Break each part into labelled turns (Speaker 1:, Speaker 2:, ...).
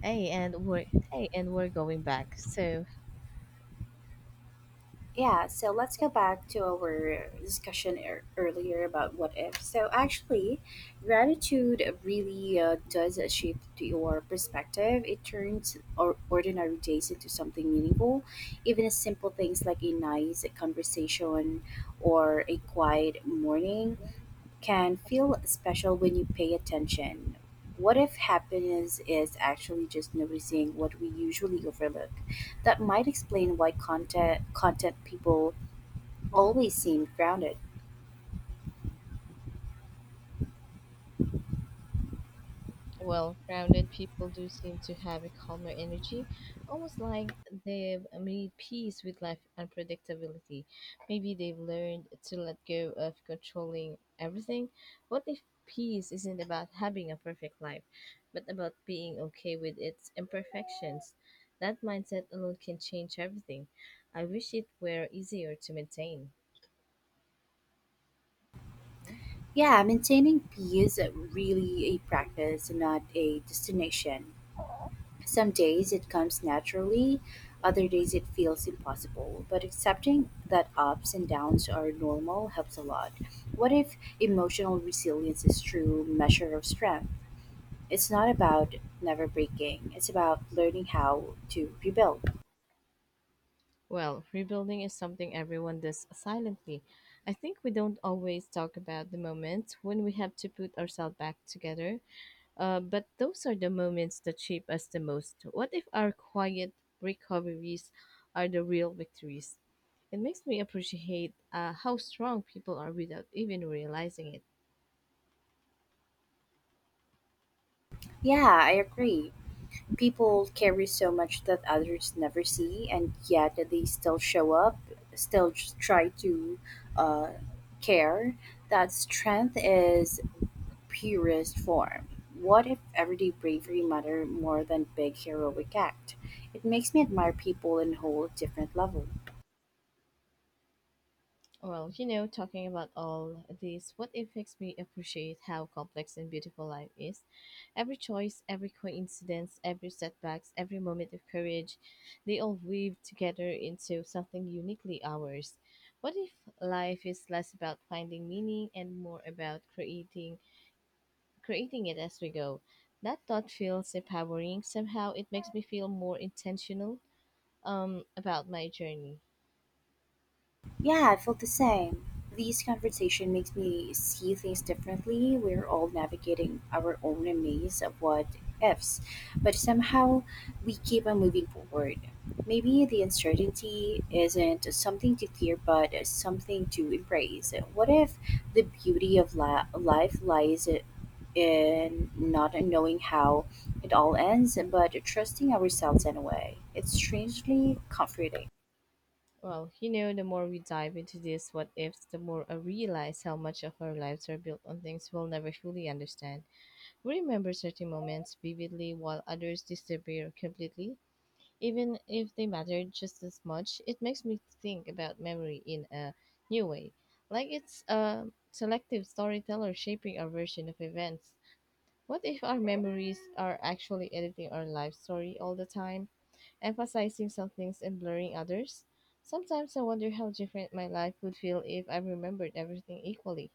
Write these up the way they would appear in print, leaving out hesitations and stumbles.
Speaker 1: Hey, and we're hey, and we're going back.
Speaker 2: Yeah, so let's go back to our discussion earlier about what if. Gratitude really does shape your perspective. It turns ordinary days into something meaningful. Even simple things like a nice conversation or a quiet morning can feel special when you pay attention. What if happiness is actually just noticing what we usually overlook? That might explain why content people always seem grounded.
Speaker 1: Well-rounded people do seem to have a calmer energy, almost like they've made peace with life unpredictability. Maybe they've learned to let go of controlling everything. What if peace isn't about having a perfect life, but about being okay with its imperfections? That mindset alone can change everything. I wish it were easier to maintain.
Speaker 2: Yeah, maintaining peace is really a practice, not a destination. Some days it comes naturally, other days it feels impossible. But accepting that ups and downs are normal helps a lot. What if emotional resilience is true measure of strength? It's not about never breaking, it's about learning how to rebuild.
Speaker 1: Well, rebuilding is something everyone does silently. I think we don't always talk about the moments when we have to put ourselves back together, but those are the moments that shape us the most. What if our quiet recoveries are the real victories? It makes me appreciate how strong people are without even realizing it.
Speaker 2: Yeah, I agree. People carry so much that others never see, and yet they still show up, still just try to uh, care. That strength is purest form. What if everyday bravery mattered more than big heroic act? It makes me admire people in a whole different level.
Speaker 1: Well, you know, talking about all this, what it makes me appreciate how complex and beautiful life is. Every choice, every coincidence, every setbacks, every moment of courage, they all weave together into something uniquely ours. What if life is less about finding meaning and more about creating it as we go? That thought feels empowering. Somehow it makes me feel more intentional about my journey.
Speaker 2: Yeah, I felt the same. These conversation makes me see things differently. We're all navigating our own maze of what ifs, but somehow we keep on moving forward. Maybe the uncertainty isn't something to fear, but something to embrace. What if the beauty of life lies in not knowing how it all ends, but trusting ourselves anyway? It's strangely comforting.
Speaker 1: Well, you know, the more we dive into these what ifs, the more I realize how much of our lives are built on things we'll never fully understand. We remember certain moments vividly while others disappear completely. Even if they mattered just as much, it makes me think about memory in a new way. Like it's a selective storyteller shaping our version of events. What if our memories are actually editing our life story all the time, emphasizing some things and blurring others? Sometimes I wonder how different my life would feel if I remembered everything equally.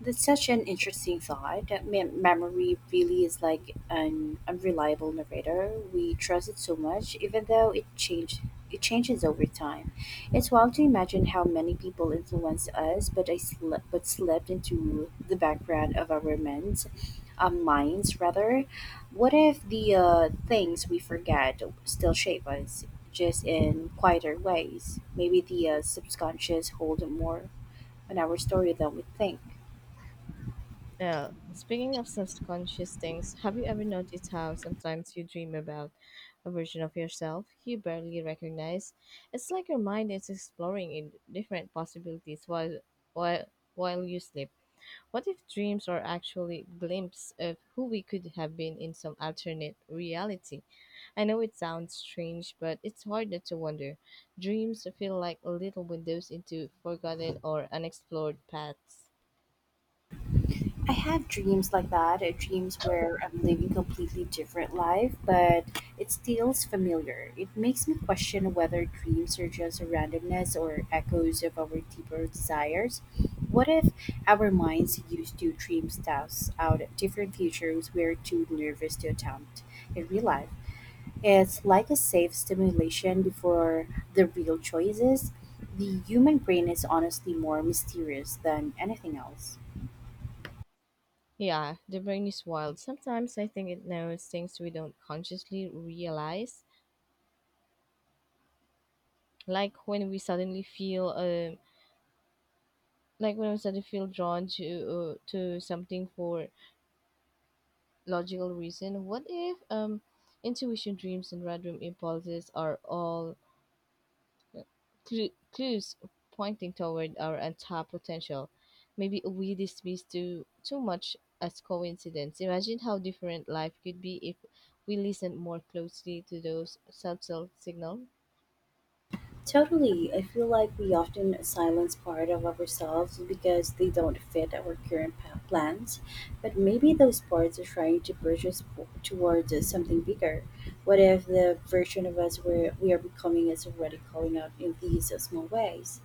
Speaker 2: That's such an interesting thought. That memory really is like an unreliable narrator. We trust it so much, even though it changed. It changes over time. It's wild to imagine how many people influenced us, but slipped into the background of our minds, minds rather. What if the things we forget still shape us, just in quieter ways? Maybe the subconscious hold more on our story than we think.
Speaker 1: Well, speaking of subconscious things, have you ever noticed how sometimes you dream about a version of yourself you barely recognize? It's like your mind is exploring in different possibilities while while you sleep. What if dreams are actually glimpses of who we could have been in some alternate reality? I know it sounds strange, but it's hard not to wonder. Dreams feel like little windows into forgotten or unexplored paths.
Speaker 2: I had dreams like that, dreams where I'm living completely different life, but it feels familiar. It makes me question whether dreams are just a randomness or echoes of our deeper desires. What if our minds used to dream stuff out different futures we're too nervous to attempt in real life? It's like a safe stimulation before the real choices. The human brain is honestly more mysterious than anything else.
Speaker 1: Yeah, the brain is wild. Sometimes I think it knows things we don't consciously realize, like when we suddenly feel like when we suddenly feel drawn to something for logical reason. What if intuition, dreams, and random impulses are all clues pointing toward our untapped potential. Maybe we dismiss too much as coincidence. Imagine how different life could be if we listened more closely to those subtle signals.
Speaker 2: Totally. I feel like we often silence part of ourselves because they don't fit our current plans. But maybe those parts are trying to push us towards something bigger. What if the version of us where we are becoming is already calling out in these small ways?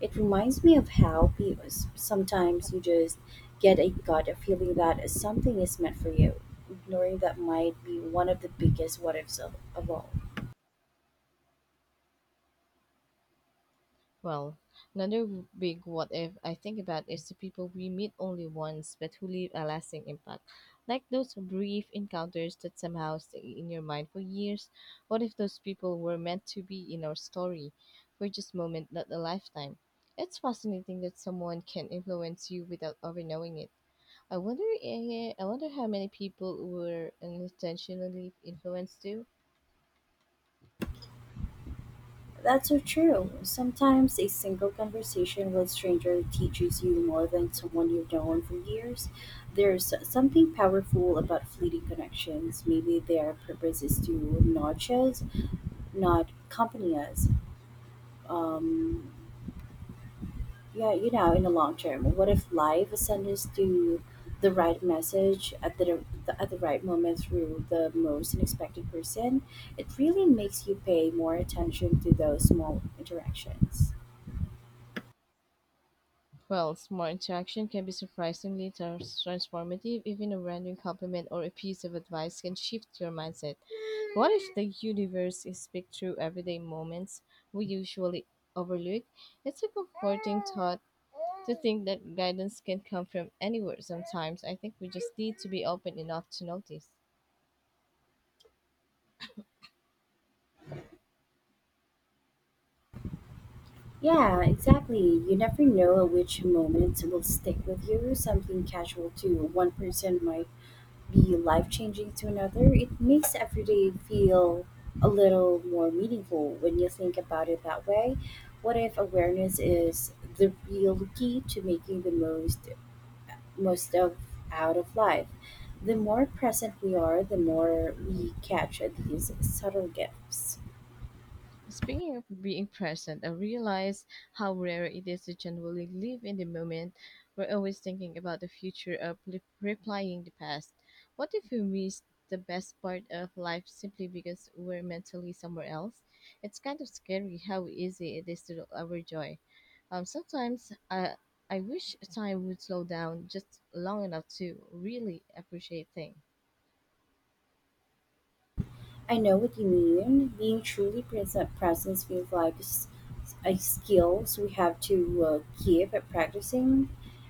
Speaker 2: It reminds me of how sometimes you just get a gut feeling that something is meant for you. Ignoring that might be one of the biggest what ifs of all.
Speaker 1: Well, big what if I think about is the people we meet only once but who leave a lasting impact. Like those brief encounters that somehow stay in your mind for years. What if those people were meant to be in our story for just moment, not a lifetime? It's fascinating that someone can influence you without ever knowing it. I wonder how many people were unintentionally influenced too.
Speaker 2: That's so true. Sometimes a single conversation with a stranger teaches you more than someone you've known for years. There's something powerful about fleeting connections. Maybe their purpose is to nudge us, not accompany us. Um, yeah, in the long term. What if life sends us to the right message at the right moment through the most unexpected person? It really makes you pay more attention to those small interactions.
Speaker 1: Well, small interaction can be surprisingly transformative. Even a random compliment or a piece of advice can shift your mindset. What if the universe is speak through everyday moments we usually overlook? It's a comforting thought to think that guidance can come from anywhere sometimes. I think we just need to be open enough to notice.
Speaker 2: Yeah, exactly. You never know which moments will stick with you. Something casual to one person might be life changing to another. It makes every day feel a little more meaningful when you think about it that way. What if awareness is the real key to making the most of out of life? The more present we are, the more we catch these subtle gifts.
Speaker 1: Speaking of being present, I realize how rare it is to genuinely live in the moment. We're always thinking about the future or replying the past. What if we miss the best part of life simply because we're mentally somewhere else? It's kind of scary how easy it is to our joy. Sometimes I wish time would slow down just long enough to really appreciate things.
Speaker 2: I know what you mean. Being truly present presence feels like a skills we have to keep at practicing.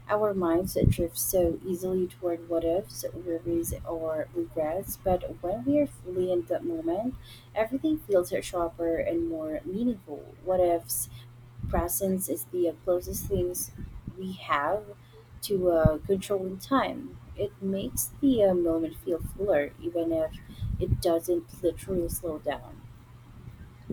Speaker 2: Our minds drift so easily toward what ifs, worries, or regrets, but when we are fully in the moment, everything feels sharper and more meaningful. What ifs presence is the closest things we have to controlling time. It makes the moment feel fuller, even if it doesn't literally slow down.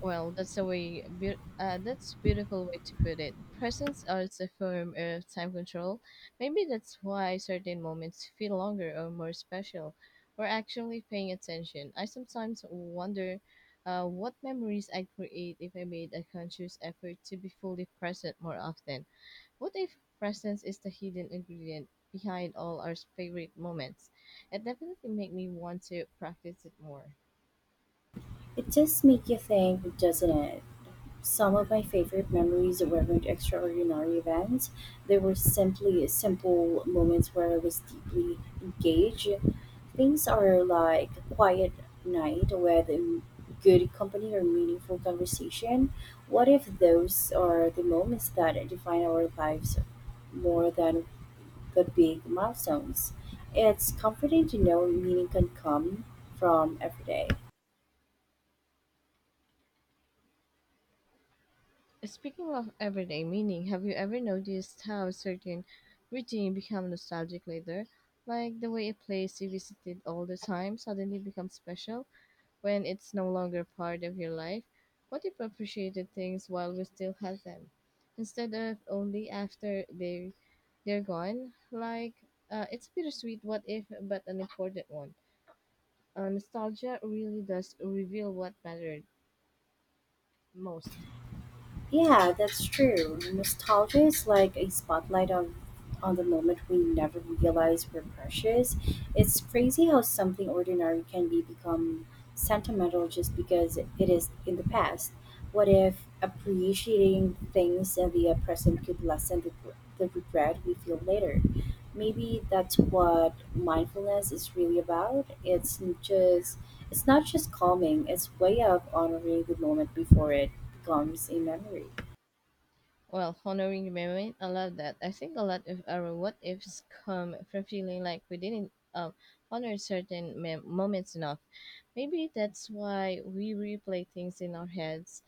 Speaker 1: That's a beautiful way to put it. Presents are a form of time control. Maybe that's why certain moments feel longer or more special. Or actually paying attention. I sometimes wonder what memories I'd create if I made a conscious effort to be fully present more often. What if presence is the hidden ingredient behind all our favorite moments? It definitely make me want to practice it more.
Speaker 2: It just makes you think, doesn't it? Some of my favorite memories weren't extraordinary events. They were simply simple moments where I was deeply engaged. Things are like a quiet night with good company or meaningful conversation. What if those are the moments that define our lives more than the big milestones? It's comforting to know meaning can come from every day.
Speaker 1: Speaking of everyday meaning, have you ever noticed how certain routine become nostalgic later? Like the way a place you visited all the time suddenly becomes special when it's no longer part of your life. What if appreciated things while we still have them, instead of only after they're gone? Like it's a bittersweet what if, but an important one. Nostalgia really does reveal what mattered most.
Speaker 2: Yeah, that's true. Nostalgia is like a spotlight on the moment we never realize we're precious. It's crazy how something ordinary can be become sentimental just because it is in the past. What if appreciating things in the present could lessen the regret we feel later? Maybe that's what mindfulness is really about. It's just it's not just calming, it's way of honoring the moment before it becomes a memory.
Speaker 1: Well, honoring the memory, I love that. I think a lot of our what ifs come from feeling like we didn't honor certain moments enough. Maybe that's why we replay things in our heads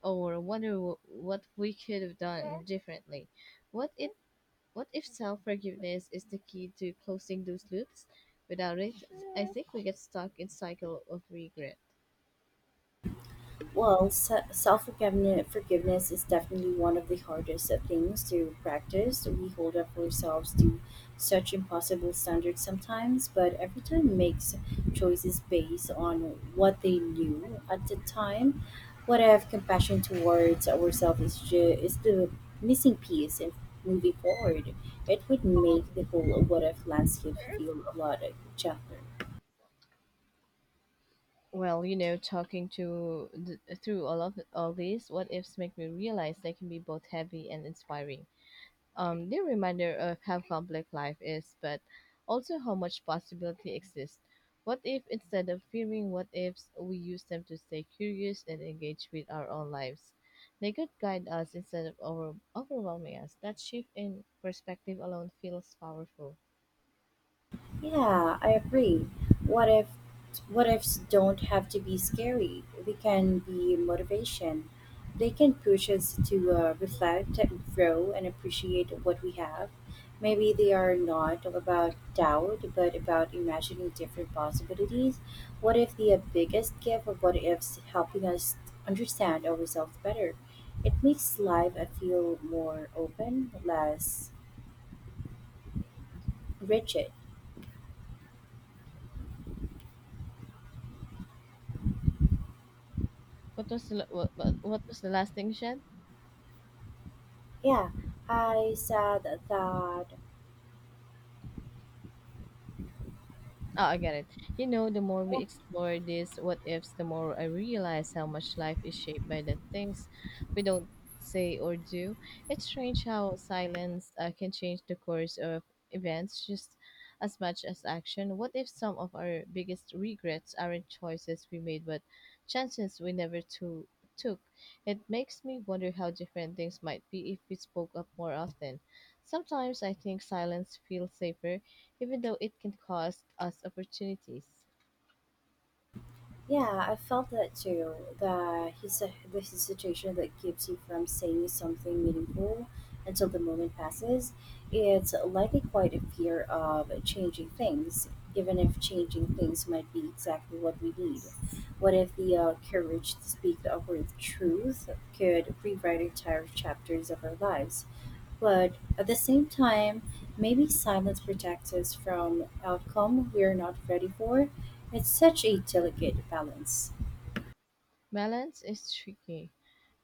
Speaker 1: or wonder what we could have done differently. What if what if self forgiveness is the key to closing those loops? Without it, I think we get stuck in cycle of regret.
Speaker 2: Well, self forgiveness is definitely one of the hardest things to practice. We hold up ourselves to such impossible standards sometimes, but every time makes choices based on what they knew at the time. What I have compassion towards ourselves is the missing piece in moving forward. It would make the whole what if landscape feel a lot gentler.
Speaker 1: Well, you know, talking through all these what ifs make me realize they can be both heavy and inspiring. They're a reminder of how complex life is, but also how much possibility exists. What if instead of fearing what ifs, we use them to stay curious and engage with our own lives? They could guide us instead of overwhelming us. That shift in perspective alone feels powerful.
Speaker 2: Yeah, I agree. What if what ifs don't have to be scary? They can be motivation. They can push us to reflect and grow and appreciate what we have. Maybe they are not all about doubt, but about imagining different possibilities. What if the biggest gift of what ifs helping us understand ourselves better? It makes life feel more open, less rigid.
Speaker 1: What was the last thing, Shed?
Speaker 2: Yeah, I said that.
Speaker 1: Oh, I get it. You know, the more we
Speaker 2: Yeah,
Speaker 1: explore these what ifs, the more I realize how much life is shaped by the things we don't say or do. It's strange how silence can change the course of events just as much as action. What if some of our biggest regrets aren't choices we made, but chances we never took? It makes me wonder how different things might be if we spoke up more often. Sometimes I think silence feels safer even though it can cost us opportunities.
Speaker 2: yeah, I felt that too. That he's a, this is a situation that keeps you from saying something meaningful until the moment passes. It's likely quite a fear of changing things, even if changing things might be exactly what we need. What if the courage to speak the awkward truth could rewrite entire chapters of our lives? But at the same time, maybe silence protects us from outcome we are not ready for. It's such a delicate balance.
Speaker 1: Balance is tricky,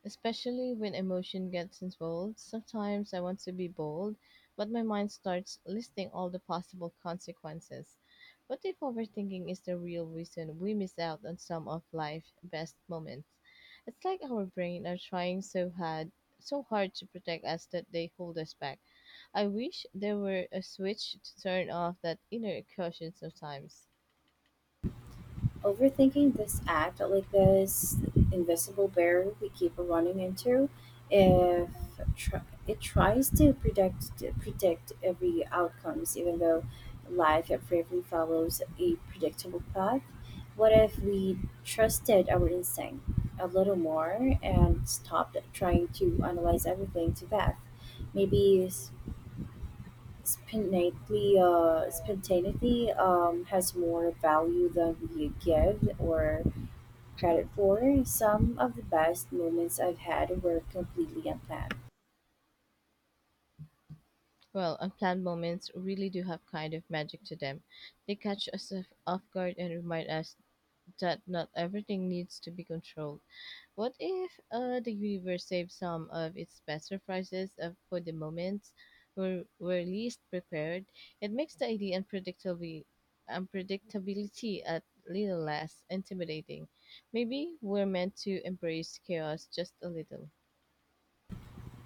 Speaker 1: especially when emotion gets involved. Sometimes I want to be bold, but my mind starts listing all the possible consequences. What if overthinking is the real reason we miss out on some of life's best moments? It's like our brain are trying so hard to protect us that they hold us back. I wish there were a switch to turn off that inner caution sometimes.
Speaker 2: Overthinking this act, like this invisible barrier we keep running into, if tr- it tries to predict every outcomes, even though life bravely follows a predictable path. What if we trusted our instinct a little more and stopped trying to analyze everything to death? Maybe spontaneity has more value than we give or credit for. Some of the best moments I've had were completely unplanned.
Speaker 1: Well, unplanned moments really do have kind of magic to them. They catch us off guard and remind us that not everything needs to be controlled. What if the universe saves some of its best surprises for the moments we're least prepared? It makes the idea unpredictability a little less intimidating. Maybe we're meant to embrace chaos just a little.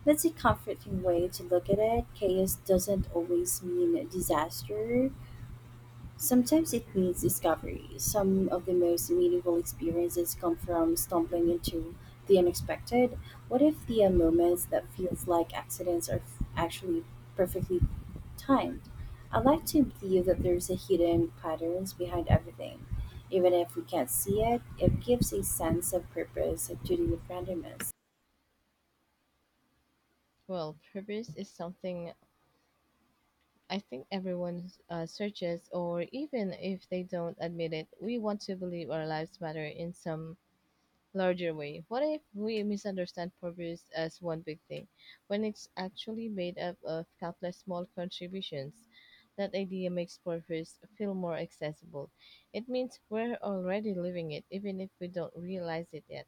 Speaker 2: That's a comforting way to look at it. Chaos doesn't always mean disaster. Sometimes it means discovery. Some of the most meaningful experiences come from stumbling into the unexpected. What if the moments that feels like accidents are actually perfectly timed? I like to believe that there's a hidden patterns behind everything. Even if we can't see it, it gives a sense of purpose to the randomness.
Speaker 1: Well, purpose is something I think everyone searches, or even if they don't admit it, we want to believe our lives matter in some larger way. What if we misunderstand purpose as one big thing, when it's actually made up of countless small contributions? That idea makes purpose feel more accessible. It means we're already living it, even if we don't realize it yet.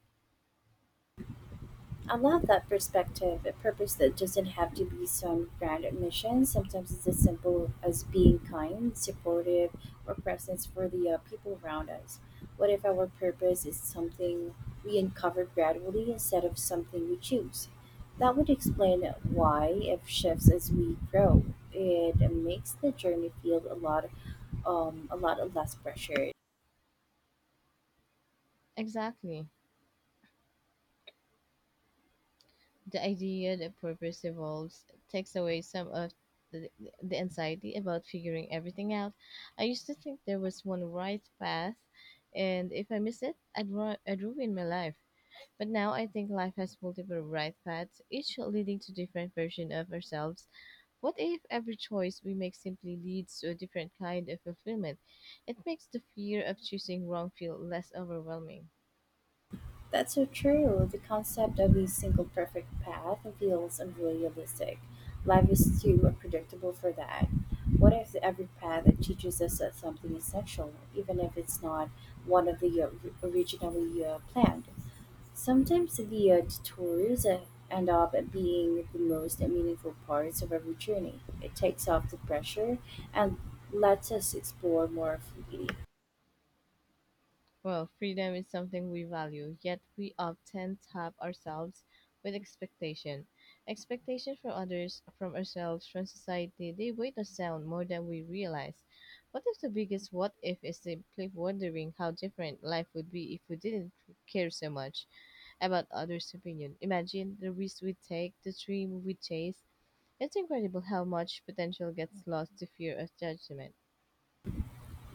Speaker 2: I love that perspective. A purpose that doesn't have to be some grand mission. Sometimes it's as simple as being kind, supportive, or presence for the people around us. What if our purpose is something we uncover gradually instead of something we choose? That would explain why it shifts as we grow. It makes the journey feel a lot less pressure.
Speaker 1: Exactly. The idea that purpose evolves takes away some of the, the anxiety about figuring everything out. I used to think there was one right path, and if I missed it, I'd ruin my life. But now I think life has multiple right paths, each leading to different version of ourselves. What if every choice we make simply leads to a different kind of fulfillment? It makes the fear of choosing wrong feel less overwhelming.
Speaker 2: That's so true. The concept of a single perfect path feels unrealistic. Life is too unpredictable for that. What if every path teaches us something essential, even if it's not one of the originally planned? Sometimes the detours end up being the most meaningful parts of every journey. It takes off the pressure and lets us explore more freely.
Speaker 1: Well, freedom is something we value, yet we often tap ourselves with expectation. Expectation from others, from ourselves, from society, they weigh us down more than we realize. What if the biggest what if is simply wondering how different life would be if we didn't care so much about others' opinion? Imagine the risk we take, the dream we chase. It's incredible how much potential gets lost to fear of judgment.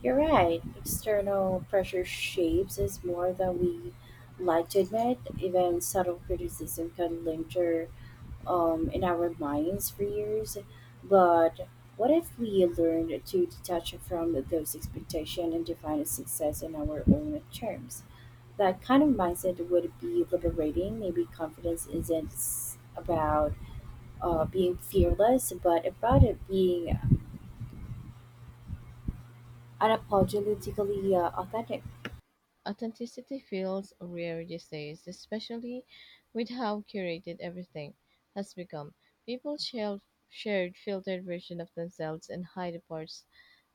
Speaker 2: You're right. External pressure shapes us more than we like to admit. Even subtle criticism can linger in our minds for years. But what if we learned to detach from those expectations and define success in our own terms? That kind of mindset would be liberating. Maybe confidence isn't about being fearless, but about it being unapologetically authentic.
Speaker 1: Authenticity feels rare these days, especially with how curated everything has become. People share Shared filtered version of themselves and hide the parts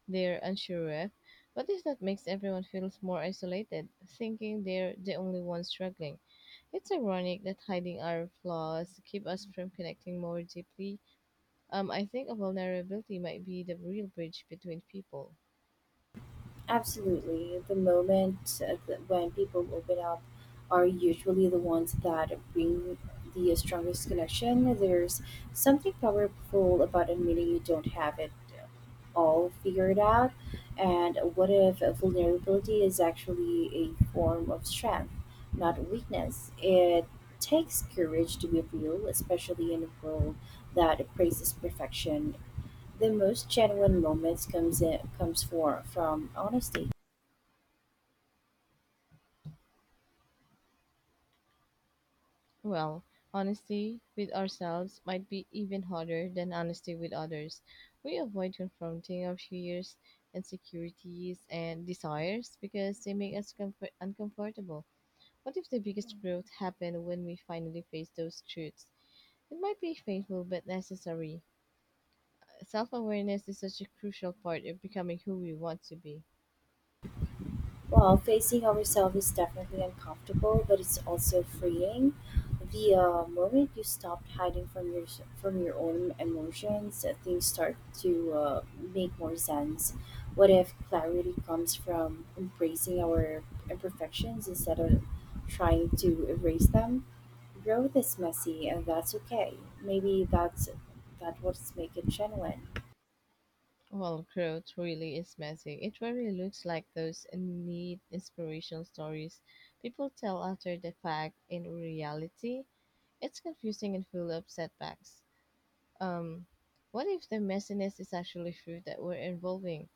Speaker 1: they're unsure of. What if that makes everyone feel more isolated, thinking they're the only ones struggling? It's ironic that hiding our flaws keep us from connecting more deeply. I think a vulnerability might be the real bridge between people.
Speaker 2: Absolutely. The moment when people open up are usually the ones that bring the strongest connection. There's something powerful about admitting you don't have it all figured out. And what if vulnerability is actually a form of strength, not weakness? It takes courage to be real, especially in a world that praises perfection the most genuine moments comes for from honesty.
Speaker 1: Well, honesty with ourselves might be even harder than honesty with others. We avoid confronting our fears, insecurities, and desires because they make us uncomfortable. What if the biggest growth happened when we finally face those truths? It might be painful but necessary. Self awareness is such a crucial part of becoming who we want to be.
Speaker 2: Well, facing ourselves is definitely uncomfortable, but it's also freeing. The moment you stop hiding from your own emotions, things start to make more sense. What if clarity comes from embracing our imperfections instead of trying to erase them? Growth is messy, and that's okay. Maybe that's that what's make it genuine.
Speaker 1: Well, growth really is messy. It really looks like those neat inspirational stories people tell after the fact. In reality, it's confusing and full of setbacks. Um, what if the messiness is actually fruit that we're involving,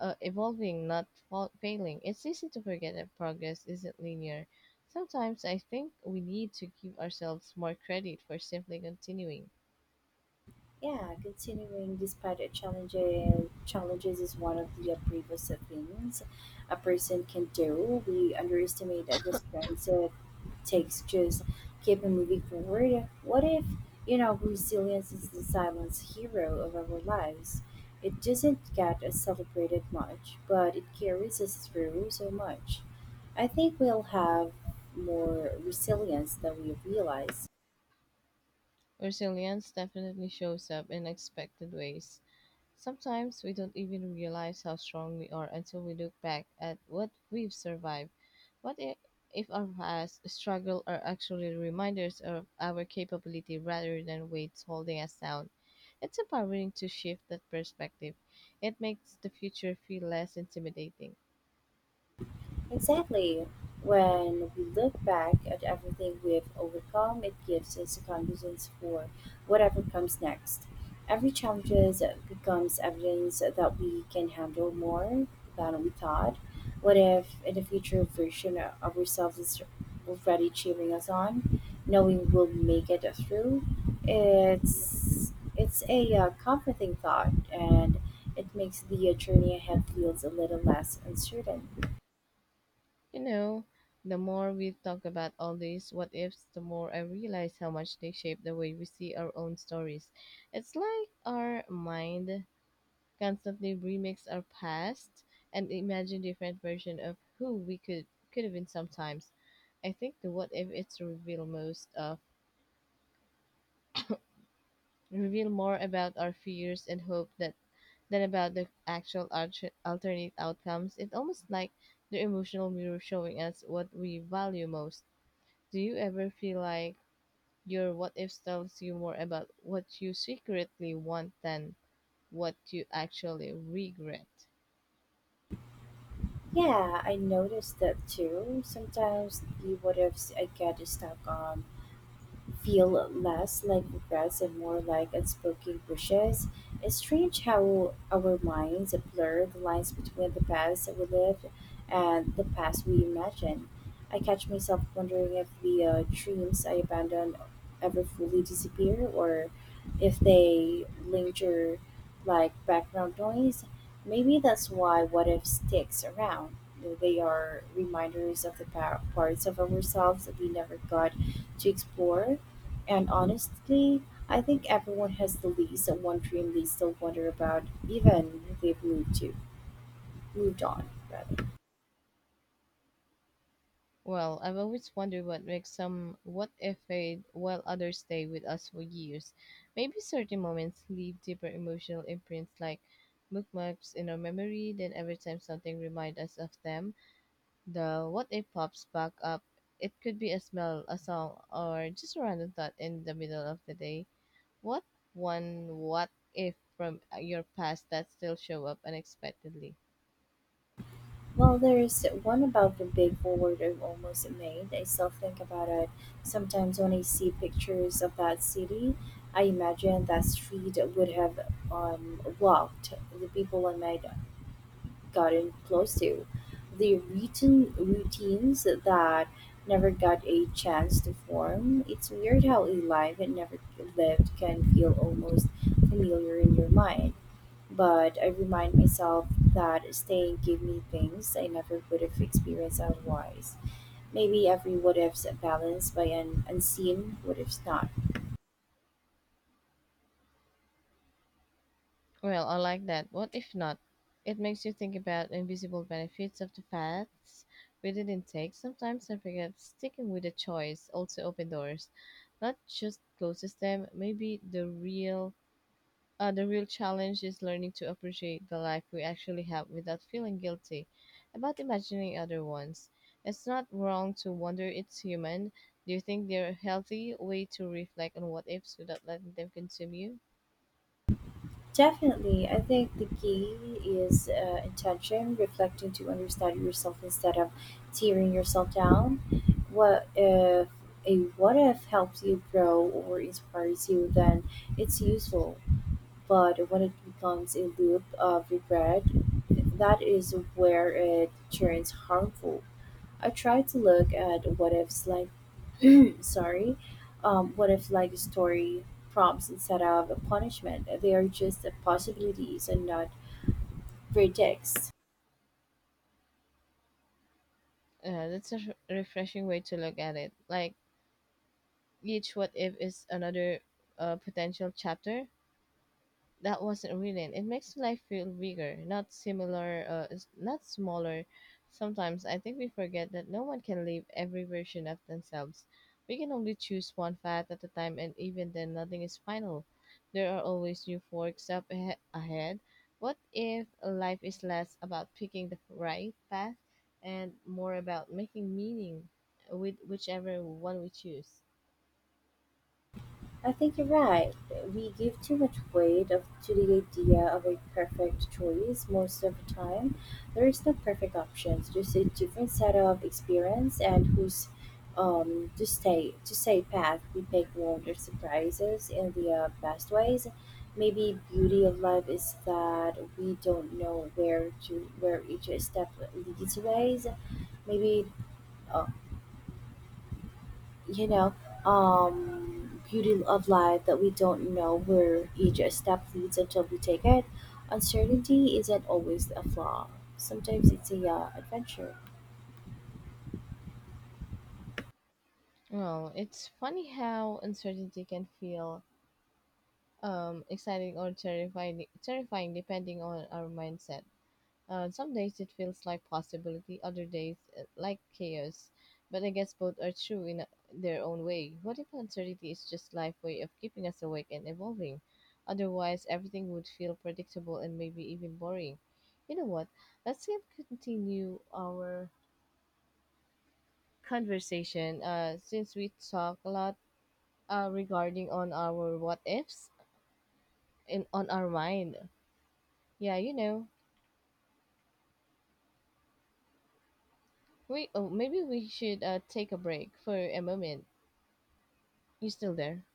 Speaker 1: evolving, not failing? It's easy to forget that progress isn't linear. Sometimes I think we need to give ourselves more credit for simply continuing.
Speaker 2: Yeah, continuing despite a challenges is one of the bravest things a person can do. We underestimate that the strength it takes just keeping moving forward. What if resilience is the silent hero of our lives? It doesn't get celebrated much, but it carries us through so much. I think we'll have more resilience than we realize.
Speaker 1: Resilience definitely shows up in unexpected ways. Sometimes we don't even realize how strong we are until we look back at what we've survived. What i- if our past struggle are actually reminders of our capability rather than weights holding us down? It's empowering to shift that perspective. It makes the future feel less intimidating.
Speaker 2: Exactly. When we look back at everything we've overcome, it gives us the confidence for whatever comes next. Every challenge becomes evidence that we can handle more than we thought. What if, in the future, version of ourselves is already cheering us on, knowing we'll make it through? It's a comforting thought, and it makes the journey ahead feels a little less uncertain.
Speaker 1: You know, the more we talk about all these what ifs, the more I realize how much they shape the way we see our own stories. It's like our mind constantly remix our past and imagine different version of who we could have been sometimes. I think the what if it's reveal most of reveal more about our fears and hope that than about the actual alternate outcomes. It's almost like the emotional mirror showing us what we value most. Do you ever feel like your what ifs tells you more about what you secretly want than what you actually regret?
Speaker 2: Yeah, I noticed that too. Sometimes the what ifs I get stuck on feel less like regrets and more like unspoken wishes. It's strange how our minds blur the lines between the past that we lived and the past we imagine. I catch myself wondering if the dreams I abandoned ever fully disappear or if they linger like background noise. Maybe that's why what if sticks around. They are reminders of the parts of ourselves that we never got to explore, and honestly, I think everyone has the least of one dream they still wonder about, even if they've moved on rather.
Speaker 1: Well, I've always wondered what makes some what if fade while others stay with us for years. Maybe certain moments leave deeper emotional imprints like bookmarks in our memory, then every time something reminds us of them, the what if pops back up. It could be a smell, a song, or just a random thought in the middle of the day. What one what if from your past that still show up unexpectedly?
Speaker 2: Well, there's one about the big forward I've almost made. I still think about it. Sometimes when I see pictures of that city, I imagine that street would have walked the people I made gotten close to. The written routines that never got a chance to form. It's weird how a life that never lived can feel almost familiar in your mind. But I remind myself that staying gave me things I never would have experienced otherwise. Maybe every what if's balanced by an unseen what if's not.
Speaker 1: Well, I like that. What if not? It makes you think about invisible benefits of the paths we didn't take. Sometimes I forget sticking with a choice also open doors, not just closes them. Maybe the real challenge is learning to appreciate the life we actually have without feeling guilty about imagining other ones. It's not wrong to wonder it's human. Do you think they're a healthy way to reflect on what ifs without letting them consume you?
Speaker 2: Definitely. I think the key is intention, reflecting to understand yourself instead of tearing yourself down. What if a what if helps you grow or inspires you, then it's useful. But when it becomes a loop of regret, that is where it turns harmful. I try to look at what ifs like sorry, what if like story prompts instead of a punishment. They are just possibilities and not verdicts.
Speaker 1: Yeah, that's a refreshing way to look at it. Like each what if is another potential chapter, that wasn't written. It makes life feel bigger, not similar, not smaller. Sometimes I think we forget that no one can live every version of themselves. We can only choose one path at a time, and even then, nothing is final. There are always new forks up ahead. What if life is less about picking the right path and more about making meaning with whichever one we choose?
Speaker 2: I think you're right. We give too much weight of, to the idea of a perfect choice most of the time. There is no perfect options, just a different set of experience and whose to stay path we pick wonder surprises in the best ways. Maybe beauty of life is that we don't know where each step leads ways. Maybe uh, you know, beauty of life that we don't know where each step leads until we take it. Uncertainty isn't always a flaw. Sometimes it's a adventure.
Speaker 1: Well, it's funny how uncertainty can feel exciting or terrifying depending on our mindset. Some days it feels like possibility, other days like chaos. But I guess both are true in their own way. What if uncertainty is just life way of keeping us awake and evolving? Otherwise, everything would feel predictable and maybe even boring. You know what? Let's continue our conversation. Since we talk a lot regarding on our what ifs in on our mind. Yeah, you know. Wait, oh, maybe we should take a break for a moment. You still there?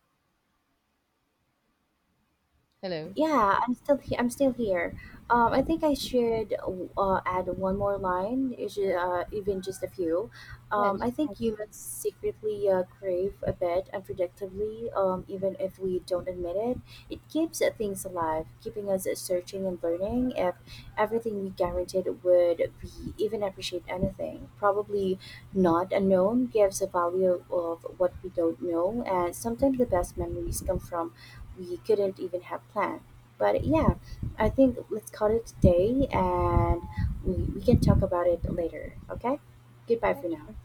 Speaker 1: Hello?
Speaker 2: Yeah, I'm still here. I
Speaker 1: Uh,
Speaker 2: think I should add one more line, even just a few.
Speaker 1: yeah,
Speaker 2: I
Speaker 1: just.
Speaker 2: think
Speaker 1: Go.
Speaker 2: humans secretly crave a bit unpredictably, even if we don't admit it. It keeps things alive, keeping us searching and learning. If everything we guaranteed would we even appreciate anything, probably not unknown gives a value of what we don't know, and sometimes the best memories come from we couldn't even have planned. But yeah, I think let's call it today and we can talk about it later. Okay? Goodbye
Speaker 1: Yeah,
Speaker 2: for now.
Speaker 1: sure.